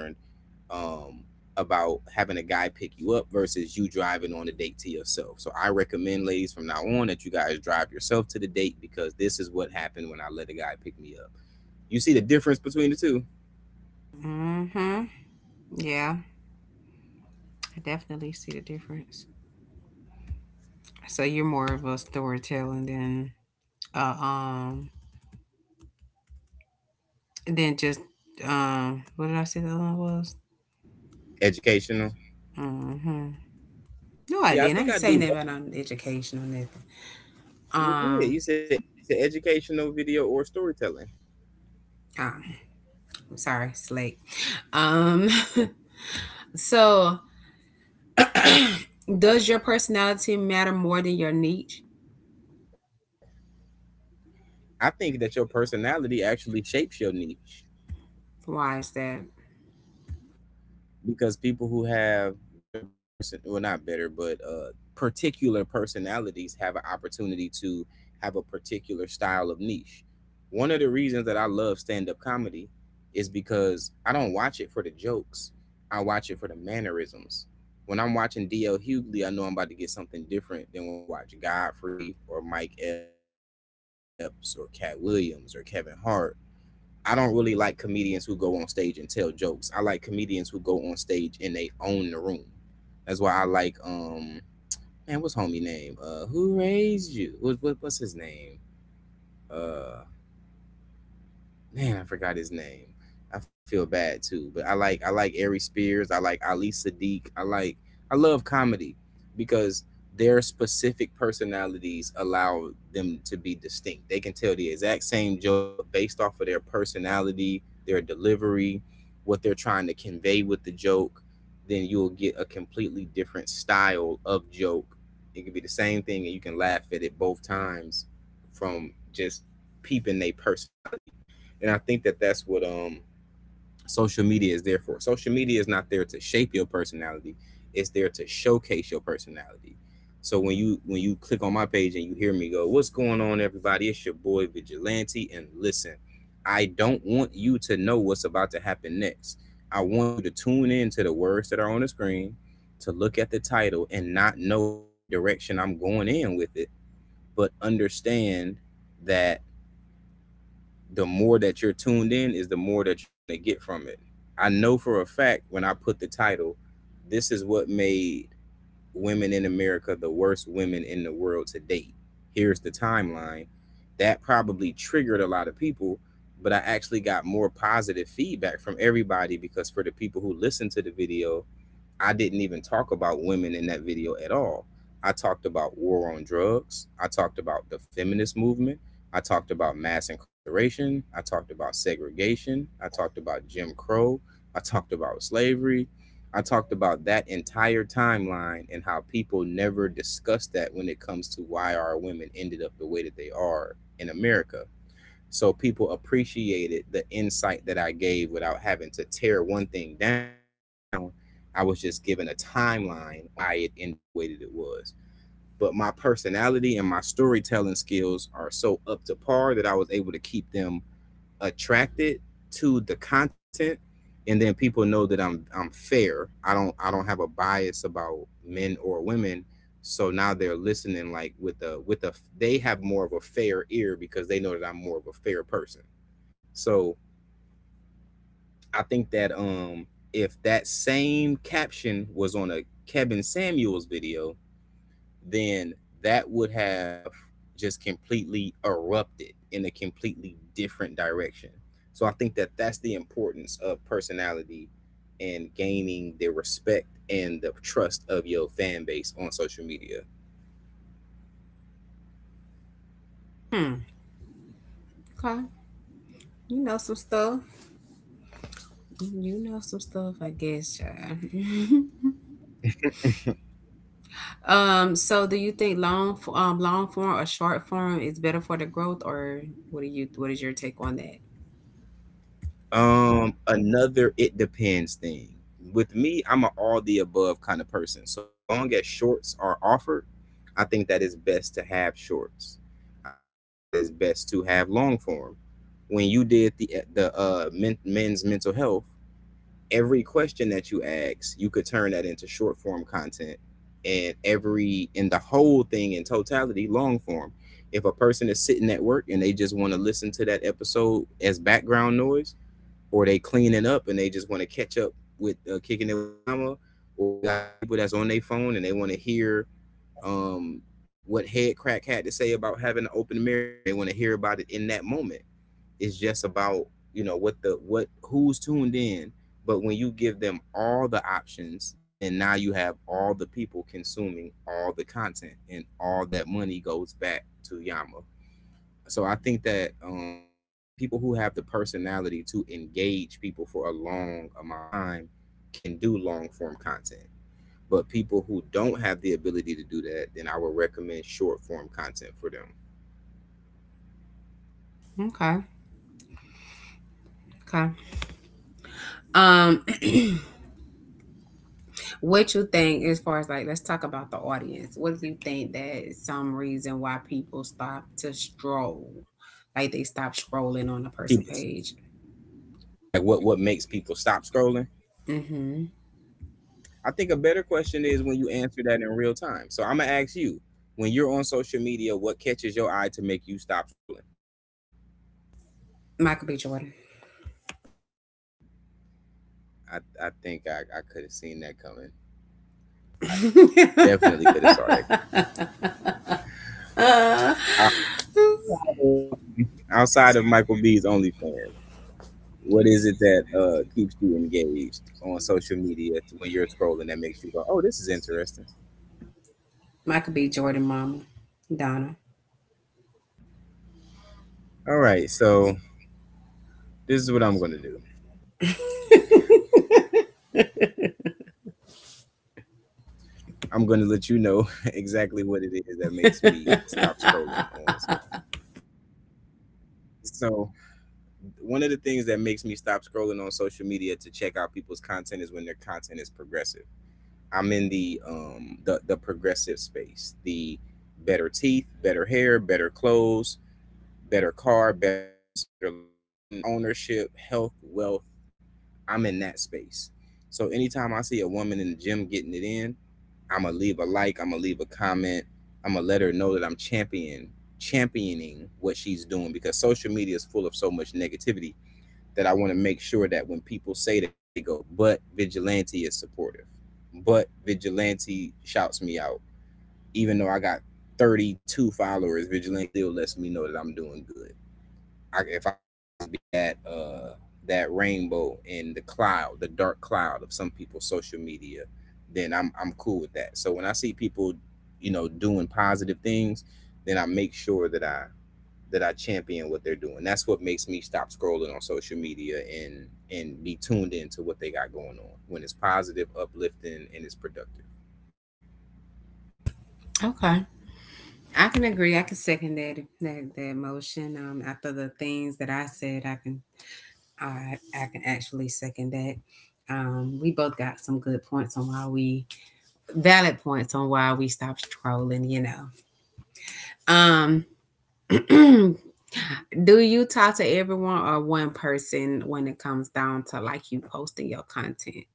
um, about having a guy pick you up versus you driving on the date to yourself. So I recommend, ladies, from now on that you guys drive yourself to the date because this is what happened when I let a guy pick me up. You see the difference between the two? Mm-hmm. Yeah, I definitely see the difference. So you're more of a storytelling uh um than just, what did I say the other one was? Educational. Hmm. No, I Yeah, I didn't. I think ain't I saying do. that about no education or nothing. You did. Um, You said educational video or storytelling. ah, sorry, slake. Um, so does your personality matter more than your niche? I think that your personality actually shapes your niche, Why is that? because people who have better person well, not better, but particular personalities have an opportunity to have a particular style of niche. One of the reasons that I love stand-up comedy is because I don't watch it for the jokes. I watch it for the mannerisms. When I'm watching DL Hughley, I know I'm about to get something different than when I watch Godfrey or Mike Epps or Cat Williams or Kevin Hart. I don't really like comedians who go on stage and tell jokes. I like comedians who go on stage and they own the room. That's why I like, man, what's homie name? Who raised you? What, what's his name? Uh man, I forgot his name. I feel bad too, but I like Ari Spears. I like Ali Sadiq. I love comedy because their specific personalities allow them to be distinct. They can tell the exact same joke, but based off of their personality, their delivery, what they're trying to convey with the joke, then you'll get a completely different style of joke. It could be the same thing, and you can laugh at it both times from just peeping their personality. And I think that that's what social media is there for. Social media is not there to shape your personality; it's there to showcase your personality. So when you click on my page and you hear me go, "What's going on, everybody? It's your boy Vigilante." And listen, I don't want you to know what's about to happen next. I want you to tune in to the words that are on the screen, to look at the title and not know what direction I'm going in with it, but understand that the more that you're tuned in is the more that you're going to get from it. I know for a fact, when I put the title, "This is what made women in America the worst women in the world to date. Here's the timeline." That probably triggered a lot of people, but I actually got more positive feedback from everybody because for the people who listened to the video, I didn't even talk about women in that video at all. I talked about war on drugs. I talked about the feminist movement. I talked about mass incarceration. I talked about segregation. I talked about Jim Crow. I talked about slavery. I talked about that entire timeline and how people never discuss that when it comes to why our women ended up the way that they are in America, so people appreciated the insight that I gave without having to tear one thing down. I was just given a timeline on why it ended up the way that it was. But my personality and my storytelling skills are so up to par that I was able to keep them attracted to the content. And then people know that I'm fair. I don't have a bias about men or women. So now they're listening like with a they have more of a fair ear because they know that I'm more of a fair person. So I think that if that same caption was on a Kevin Samuels video, then that would have just completely erupted in a completely different direction. So I think that that's the importance of personality and gaining the respect and the trust of your fan base on social media. Hmm. Okay. You know some stuff. You know some stuff, I guess. Child. So do you think long form or short form is better for the growth, or what do you, what is your take on that? Another it depends thing. With me, I'm a all the above kind of person. So as long as shorts are offered, I think that it's best to have shorts. I think that it's best to have long form. When you did the men's mental health, every question that you asked, you could turn that into short form content, and every in the whole thing in totality, long form. If a person is sitting at work and they just want to listen to that episode as background noise, or they cleaning up and they just want to catch up with kicking it with Yama, or you got the people that's on their phone and they want to hear um, what Head Crack had to say about having an open marriage and they want to hear about it in that moment. It's just about, you know, what the what who's tuned in, but when you give them all the options, then now you have all the people consuming all the content and all that money goes back to Yama. So I think that people who have the personality to engage people for a long amount of time can do long form content. But people who don't have the ability to do that, then I would recommend short form content for them. Okay. Okay. Um, what you think as far as like, let's talk about the audience. What do you think that is some reason why people stop to stroll? Like, they stop scrolling on the person People, page. oh, like what makes people stop scrolling? Mm-hmm. I think a better question is when you answer that in real time. So I'm gonna ask you, when you're on social media, what catches your eye to make you stop scrolling? Michael B. Jordan. I think I could have seen that coming. I definitely could have saw that. Uh, of- okay, outside of Michael B's OnlyFans, what is it that keeps you engaged on social media to when you're scrolling that makes you go, "Oh, this is interesting." Michael B. Jordan mama. Donna. All right, so this is what I'm gonna do. I'm, go- I'm gonna pivot. I'm gonna let you know exactly what it is that makes me stop scrolling on. So, so one of the things that makes me stop scrolling on social media to check out people's content is when their content is progressive. I'm in the the progressive space. The better teeth, better hair, better clothes, better car, better house, better location, ownership, health, wealth. I'm in that space. So anytime I see a woman in the gym getting it in, I'm gonna leave a like, I'm gonna leave a comment, I'm gonna let her know that I'm championing what she's doing because social media is full of so much negativity that I want to make sure that when people say that they go, but vigilante is supportive. But vigilante shouts me out. Even though I got 32 followers, vigilante still lets me know that I'm doing good. If I could just be that that rainbow in the cloud, the dark cloud of some people's social media, then I'm cool with that. So when I see people, you know, doing positive things, then I make sure that I champion what they're doing. That's what makes me stop scrolling on social media and be tuned into what they got going on when it's positive, uplifting, and it's productive. Okay. I can agree. I can second that, that motion. After the things that I said, I can, I can actually second that. We both got some good points on why we valid points on why we stopped trolling. You know. Um, do you talk to everyone or one person when it comes down to like you posting your content?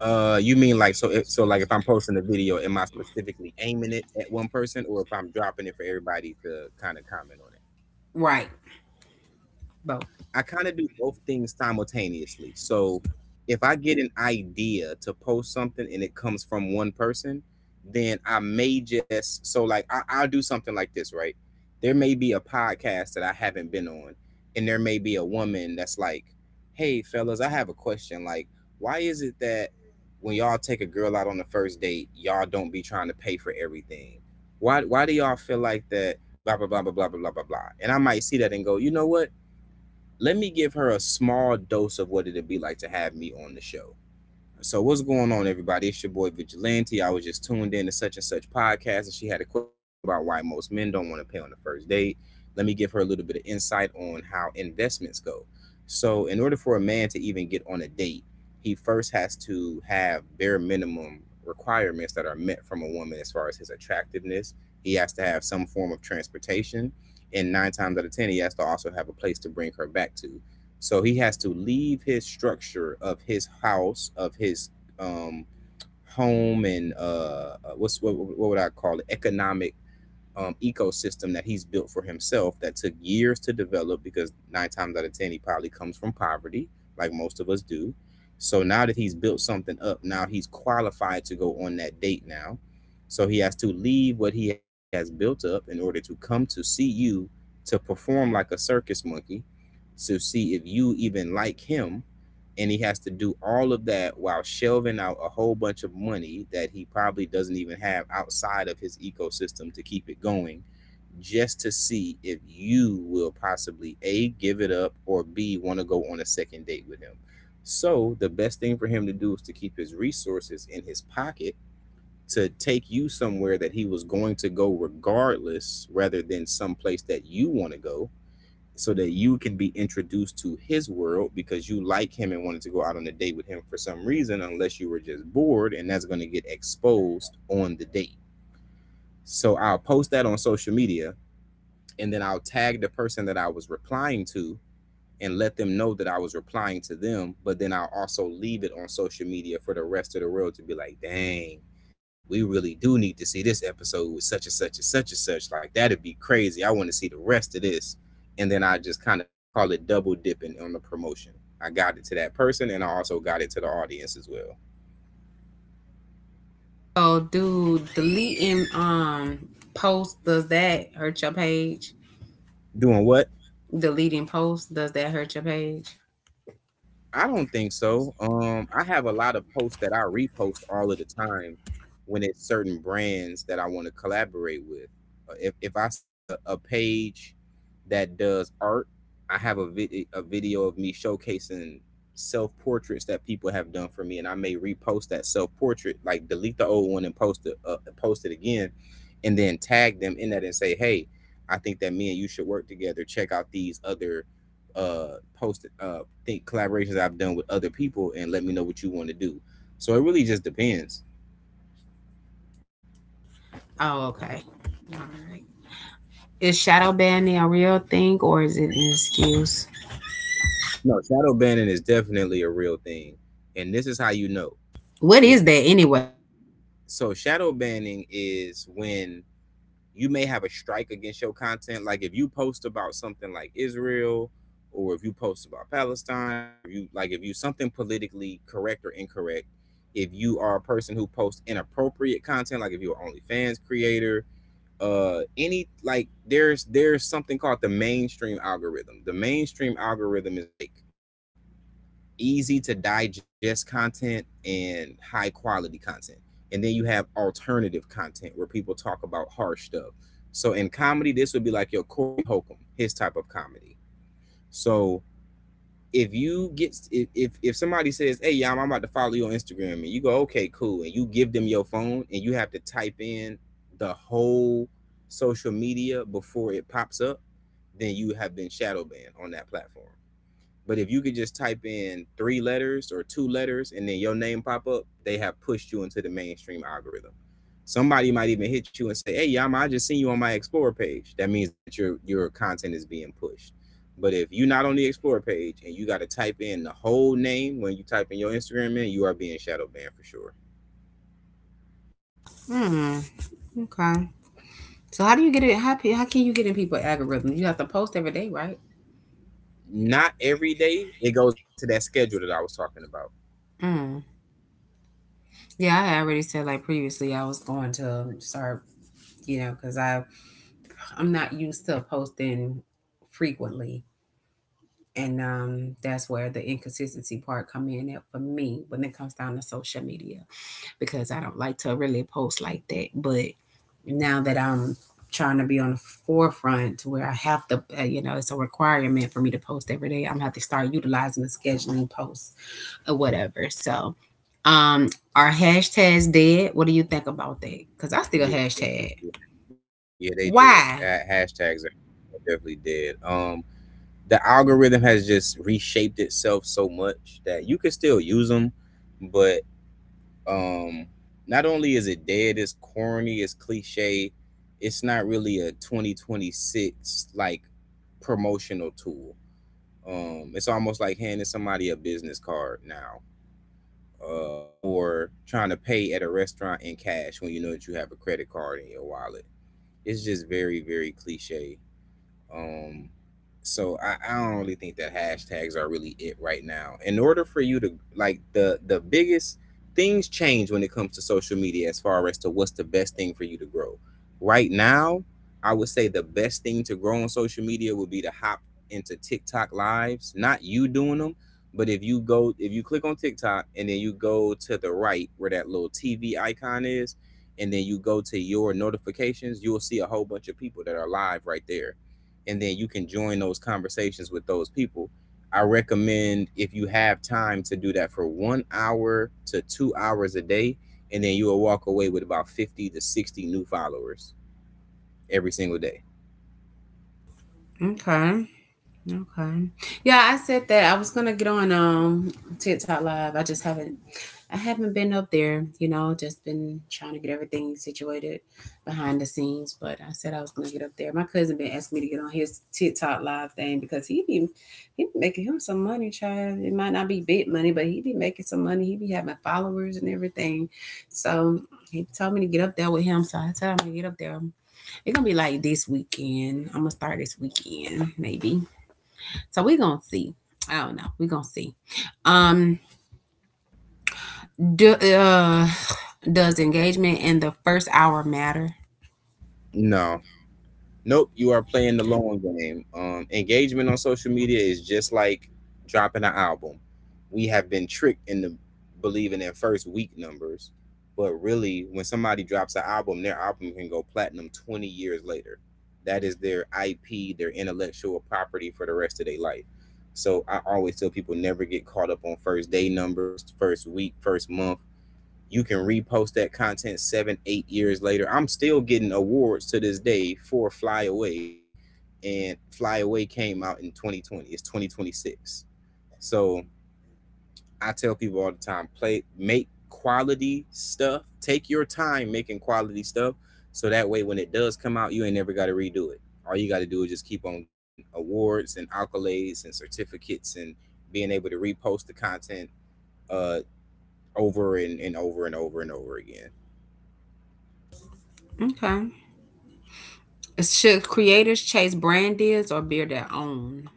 You mean like so? If, So like if I'm posting a video, am I specifically aiming it at one person, or if I'm dropping it for everybody to kind of comment on it? Right. Both. I kind of do both things simultaneously. So if I get an idea to post something and it comes from one person, then I may just so I'll do something like this, right? There may be a podcast that I haven't been on, and there may be a woman that's like, "Hey, fellas, I have a question. Like, why is it that when y'all take a girl out on the first date, y'all don't be trying to pay for everything? Why? Why do y'all feel like that? Blah blah blah blah blah blah blah blah blah." And I might see that and go, "You know what?" Let me give her a small dose of what it'd be like to have me on the show. So what's going on, everybody? It's your boy Vigilante. I was just tuned in to such and such podcast, and she had a question about why most men don't want to pay on the first date. Let me give her a little bit of insight on how investments go. So, in order for a man to even get on a date, he first has to have bare minimum requirements that are met from a woman as far as his attractiveness. He has to have some form of transportation, and nine times out of ten, he has to also have a place to bring her back to. So he has to leave his structure of his house, of his um, home, and what's what would I call it? Economic ecosystem that he's built for himself that took years to develop because nine times out of ten he probably comes from poverty, like most of us do. So now that he's built something up, now he's qualified to go on that date now. So he has to leave what he has built up in order to come to see you to perform like a circus monkey to see if you even like him. And he has to do all of that while shelving out a whole bunch of money that he probably doesn't even have outside of his ecosystem to keep it going, just to see if you will possibly A, give it up, or B, want to go on a second date with him. So the best thing for him to do is to keep his resources in his pocket to take you somewhere that he was going to go regardless rather than some place that you want to go so that you can be introduced to his world because you like him and wanted to go out on a date with him for some reason, unless you were just bored, and that's going to get exposed on the date. So I'll post that on social media and then I'll tag the person that I was replying to and let them know that I was replying to them, but then I'll also leave it on social media for the rest of the world to be like, dang, we really do need to see this episode with such and such and such and such. Like that'd be crazy. I want to see the rest of this. And then I just kind of I call it double dipping on the promotion. I got it to that person and I also got it to the audience as well. So do deleting posts, does that hurt your page? Doing what? Deleting posts, does that hurt your page? I don't think so. I have a lot of posts that I repost all of the time when it's certain brands that I want to collaborate with. If I see a page that does art, I have a a video of me showcasing self portraits that people have done for me, and I may repost that self portrait, like delete the old one and post it, post it again, and then tag them in that and say, hey, I think that me and you should work together. Check out these other posted think collaborations I've done with other people and let me know what you want to do. So it really just depends. Oh, okay. All right. Is shadow banning a real thing, or is it an excuse? No, shadow banning is definitely a real thing. And this is how you know. What If is that anyway? So shadow banning is when you may have a strike against your content. Like if you post about something like Israel or if you post about Palestine or if you something politically correct or incorrect, if you are a person who posts inappropriate content, like if you're an OnlyFans creator, any like there's something called the mainstream algorithm. The mainstream algorithm is like easy to digest content and high quality content, and then you have alternative content where people talk about harsh stuff. So in comedy this would be like your Corey Holcomb, his type of comedy. So if you get if somebody says, "Hey, yeah, I'm about to follow you on Instagram," and you go, "Okay, cool," and you give them your phone, and you have to type in the whole social media before it pops up, then you have been shadow banned on that platform. But if you could just type in three letters or two letters and then your name pop up, they have pushed you into the mainstream algorithm. Somebody might even hit you and say, "Hey, Yama, I just seen you on my Explore page." That means that your content is being pushed. But if you're not on the Explore page and you got to type in the whole name when you type in your Instagram in, you are being shadow banned for sure. Hmm, okay. So how do you get it, how can you get in people's algorithms? You have to post every day, right? Not every day. It goes back to that schedule that I was talking about. Hmm. Yeah, I already said like previously I was going to start, you know, because I'm not used to posting frequently. And that's where the inconsistency part come in at for me when it comes down to social media, because I don't like to really post like that. But now that I'm trying to be on the forefront, to where I have to, you know, it's a requirement for me to post every day, I'm gonna have to start utilizing the scheduling posts or whatever. So, are hashtags dead? What do you think about that? Because I still Yeah, hashtag. yeah, yeah they did. Why? Hashtags are definitely dead. The algorithm has just reshaped itself so much that you can still use them, but um, not only is it dead, it's corny, it's cliche, it's not really a 2026 like promotional tool. It's almost like handing somebody a business card now, or trying to pay at a restaurant in cash when you know that you have a credit card in your wallet. It's just very, very cliche, um, so I don't really think that hashtags are really it right now. In order for you to like the biggest things change when it comes to social media as far as to what's the best thing for you to grow. Right now, I would say the best thing to grow on social media would be to hop into TikTok lives. Not you doing them, but if you go if you click on TikTok and then you go to the right where that little TV icon is and then you go to your notifications, you'll see a whole bunch of people that are live right there and then you can join those conversations with those people. I recommend if you have time to do that for 1 hour to 2 hours a day, and then you will walk away with about 50 to 60 new followers every single day. Okay. Okay. Yeah, I said that I was gonna get on TikTok live. I just haven't, I haven't been up there, you know, just been trying to get everything situated behind the scenes. But I said I was gonna get up there. My cousin been asking me to get on his TikTok live thing, because he be making him some money, child. It might not be big money, but he be making some money. He be having followers and everything. So he told me to get up there with him. So I said I'm gonna get up there. It's gonna be like this weekend. I'm gonna start this weekend, maybe. So we're gonna see. I don't know. We're gonna see. Um, do, uh, does engagement in the first hour matter? No, Nope, you are playing the long game. Engagement on social media is just like dropping an album. We have been tricked into believing in first week numbers, but really, when somebody drops an album, their album can go platinum 20 years later. That is their IP, their intellectual property for the rest of their life. So I always tell people never get caught up on first day numbers, first week, first month you can repost that content seven, 8 years later. I'm still getting awards to this day for Fly Away, and Fly Away came out in 2020. It's 2026. So I tell people all the time, play, make quality stuff. Take your time making quality stuff, so that way when it does come out, you ain't never got to redo it. All you got to do is just keep on getting awards and accolades and certificates and being able to repost the content uh, over and over and over and over again. Okay. Should creators chase brand deals or build their own?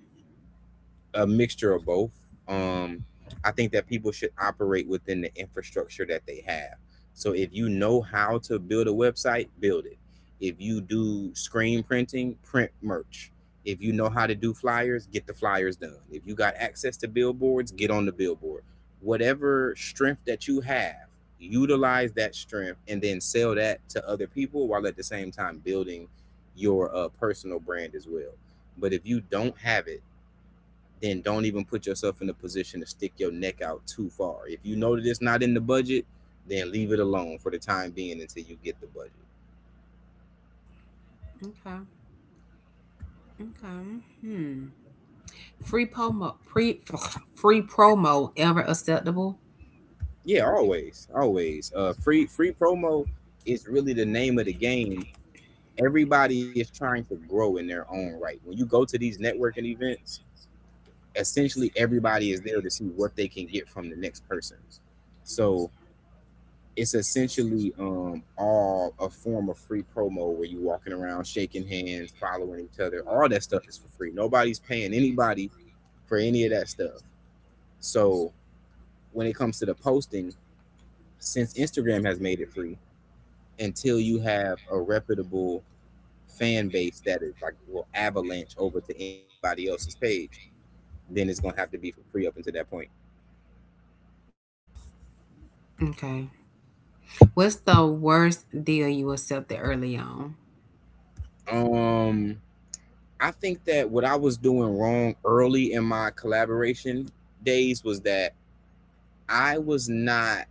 A mixture of both. Um, I think that people should operate within the infrastructure that they have. So if you know how to build a website, build it. If you do screen printing, print merch. If you know how to do flyers, get the flyers done. If you got access to billboards, get on the billboard. Whatever strength that you have, utilize that strength and then sell that to other people while at the same time building your personal brand as well. But if you don't have it, then don't even put yourself in a position to stick your neck out too far. If you know that it's not in the budget, then leave it alone for the time being until you get the budget. Okay. Okay. Hmm. Free promo. Free promo ever acceptable? Yeah, always, always. Free promo is really the name of the game. Everybody is trying to grow in their own right. When you go to these networking events, essentially everybody is there to see what they can get from the next person. So it's essentially all a form of free promo where you walking around shaking hands following each other, all that stuff is for free. Nobody's paying anybody for any of that stuff. So when it comes to the posting, since Instagram has made it free, until you have a reputable fan base that is like will avalanche over to anybody else's page, then it's gonna have to be for free up until that point. Okay. What's the worst deal you accepted early on? um I think that what I was doing wrong early in my collaboration days was that I was not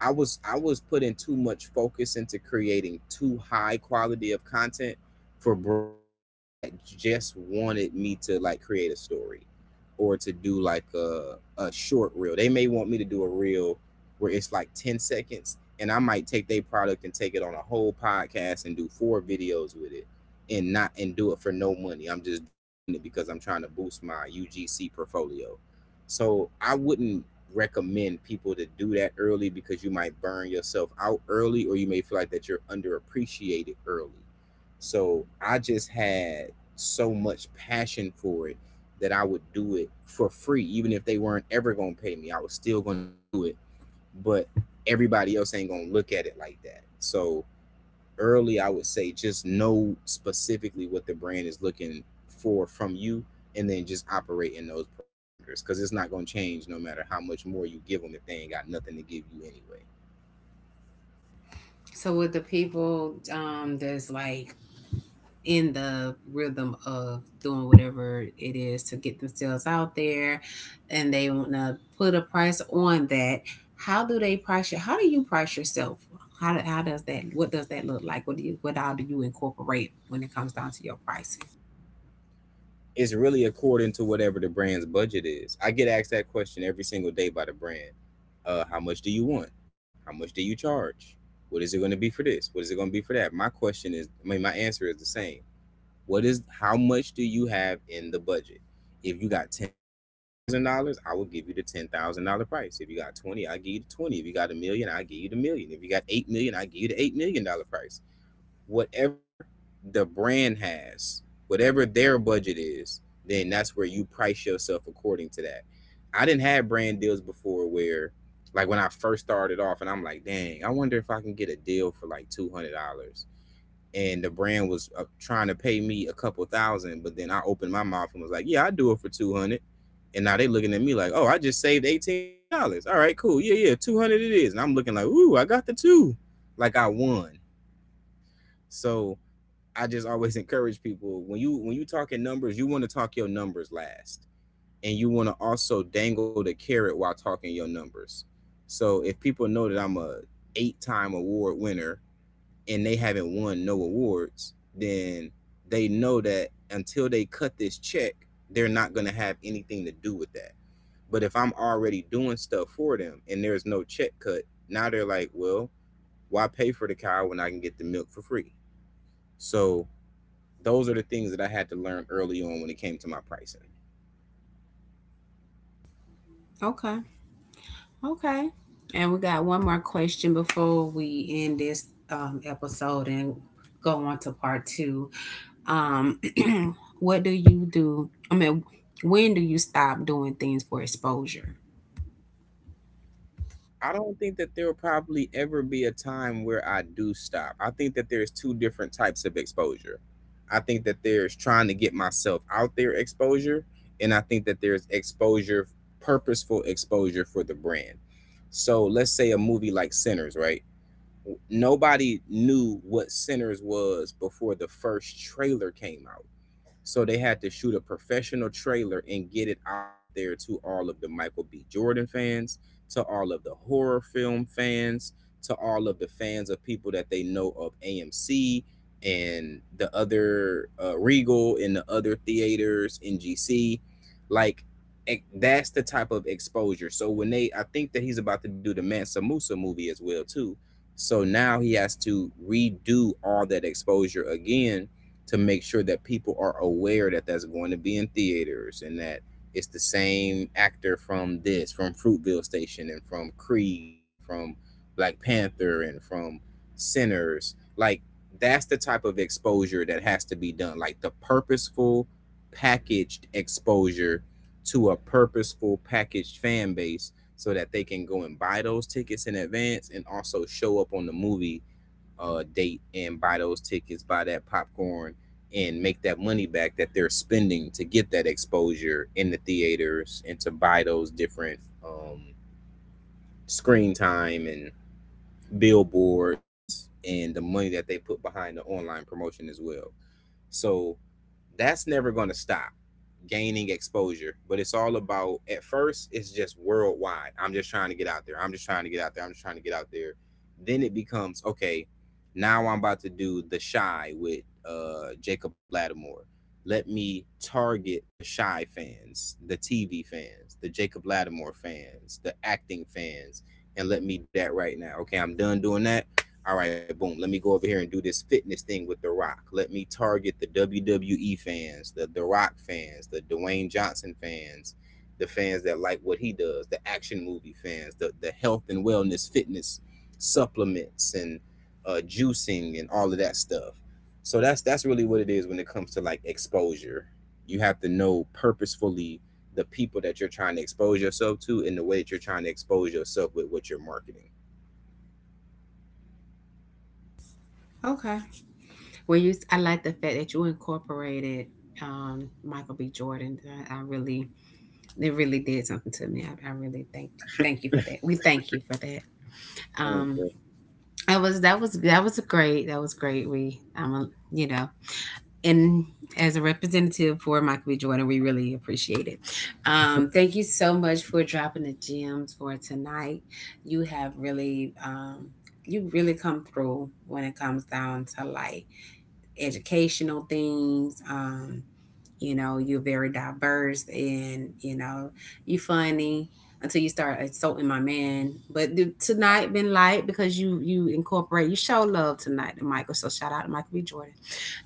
I was I was putting too much focus into creating too high quality of content for brands that just wanted me to like create a story or to do like a short reel. They may want me to do a reel where it's like 10 seconds and I might take their product and take it on a whole podcast and do 4 videos with it and do it for no money. I'm just doing it because I'm trying to boost my UGC portfolio. So I wouldn't recommend people to do that early because you might burn yourself out early or you may feel like that you're underappreciated early. So I just had so much passion for it that I would do it for free, even if they weren't ever gonna pay me. I was still gonna do it, but everybody else ain't gonna look at it like that. So early, I would say just know specifically what the brand is looking for from you, and then just operate in those parameters because it's not gonna change no matter how much more you give them if they ain't got nothing to give you anyway. So with the people that's like in the rhythm of doing whatever it is to get themselves out there and they want to put a price on that, how do they price you? How do you price yourself? How does that, what does that look like? What do you, what all do you incorporate when it comes down to your pricing? It's really according to whatever the brand's budget is. I get asked that question every single day by the brand. How much do you want? How much do you charge? What is it going to be for this? What is it going to be for that? My question is, I mean, my answer is the same. What is How much do you have in the budget? If you got $10,000, I will give you the $10,000 price. If you got 20, I give you the 20. If you got a million, I give you the million. If you got 8 million, I give you the $8 million price. Whatever the brand has, whatever their budget is, then that's where you price yourself according to that. I didn't have brand deals before where like when I first started off and I'm like, "Dang, I wonder if I can get a deal for like $200." And the brand was trying to pay me a couple thousand, but then I opened my mouth and was like, "Yeah, I do it for 200." And now they looking at me like, "Oh, I just saved $1800." All right, cool. Yeah, yeah, 200 it is. And I'm looking like, "Ooh, I got the two. Like I won." So, I just always encourage people, when you talking numbers, you want to talk your numbers last, and you want to also dangle the carrot while talking your numbers. So if people know that I'm a 8 time award winner and they haven't won no awards, then they know that until they cut this check, they're not gonna have anything to do with that. But if I'm already doing stuff for them and there's no check cut, now they're like, well, why pay for the cow when I can get the milk for free? So those are the things that I had to learn early on when it came to my pricing. Okay, okay. And we got one more question before we end this, episode and go on to part two. Um, what do you do, I mean, when do you stop doing things for exposure? I don't think that there will probably ever be a time where I do stop. I think that there's two different types of exposure. I think that there's trying to get myself out there exposure, and I think that there's exposure, purposeful exposure for the brand. So let's say a movie like Sinners, right? Nobody knew what Sinners was before the first trailer came out. So they had to shoot a professional trailer and get it out there to all of the Michael B. Jordan fans, to all of the horror film fans, to all of the fans of people that they know of AMC and the other Regal and the other theaters, NGC. Like, that's the type of exposure. So I think that he's about to do the Mansa Musa movie as well too. So now he has to redo all that exposure again to make sure that people are aware that that's going to be in theaters and that it's the same actor from this, from Fruitville Station and from Creed and from Black Panther and from Sinners. Like that's the type of exposure that has to be done. Like the purposeful packaged exposure to a purposeful packaged fan base so that they can go and buy those tickets in advance and also show up on the movie date and buy those tickets, buy that popcorn, and make that money back that they're spending to get that exposure in the theaters and to buy those different um, screen time and billboards and the money that they put behind the online promotion as well. So that's never going to stop gaining exposure. But it's all about, at first, it's just worldwide. I'm just trying to get out there. I'm just trying to get out there. I'm just trying to get out there. Then it becomes, okay, now I'm about to do The Shy with Jacob Lattimore. Let me target the Shy fans, the TV fans, the Jacob Lattimore fans, the acting fans, and let me do that right now. Okay, I'm done doing that. All right, boom, let me go over here and do this fitness thing with The Rock. Let me target the WWE fans, the Rock fans, the Dwayne Johnson fans, the fans that like what he does, the action movie fans, the health and wellness fitness supplements and juicing and all of that stuff. So that's really what it is when it comes to like exposure. You have to know purposefully the people that you're trying to expose yourself to and the way that you're trying to expose yourself with what you're marketing. Okay, well, you I like the fact that you incorporated, um, Michael B. Jordan. I really, it really did something to me. I really thank you, thank you for that. We thank you for that. Um, Mm-hmm. I was that was, that was a great, that was great. We I'm a, you know, and as a representative for Michael B. Jordan, we really appreciate it. Thank you so much for dropping the gems for tonight. You have really, you really come through when it comes down to life, educational things. You know, you're very diverse, and, you know, you funny until you start assaulting my man. But tonight been light because you incorporate, you show love tonight to Michael. So shout out to Michael B. Jordan.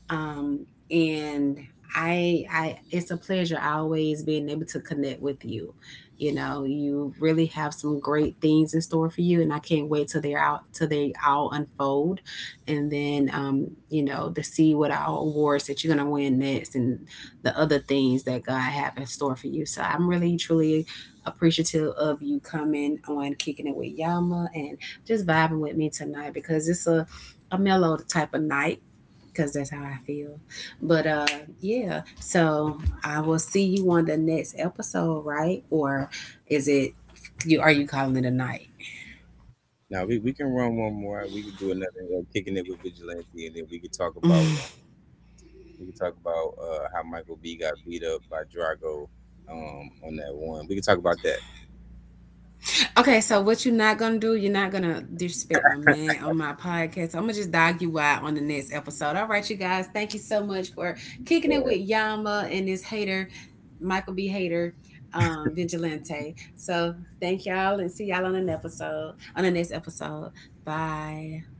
Um, and I it's a pleasure always being able to connect with you. You know, you really have some great things in store for you, and I can't wait till they're out, till they all unfold, and then, you know, to see what our awards that you're gonna win next and the other things that God have in store for you. So I'm really truly appreciative of you coming on Kicking It with Yama and just vibing with me tonight, because it's a mellow type of night, because that's how I feel. But uh, yeah, so I will see you on the next episode, right? Or is it, you are, you calling it a night? We can run one more. We can do another kicking it with vigilante, and then we could talk about how Michael B got beat up by Drago on that one. We could talk about that. Okay, so what you're not gonna do, you're not gonna disrespect my man on my podcast. I'm gonna just dog you out on the next episode. All right, you guys, thank you so much for kicking it with uh, Yama and this hater, Michael B. Hater, Vigilante. So thank y'all and see y'all on an episode on the next episode. Bye.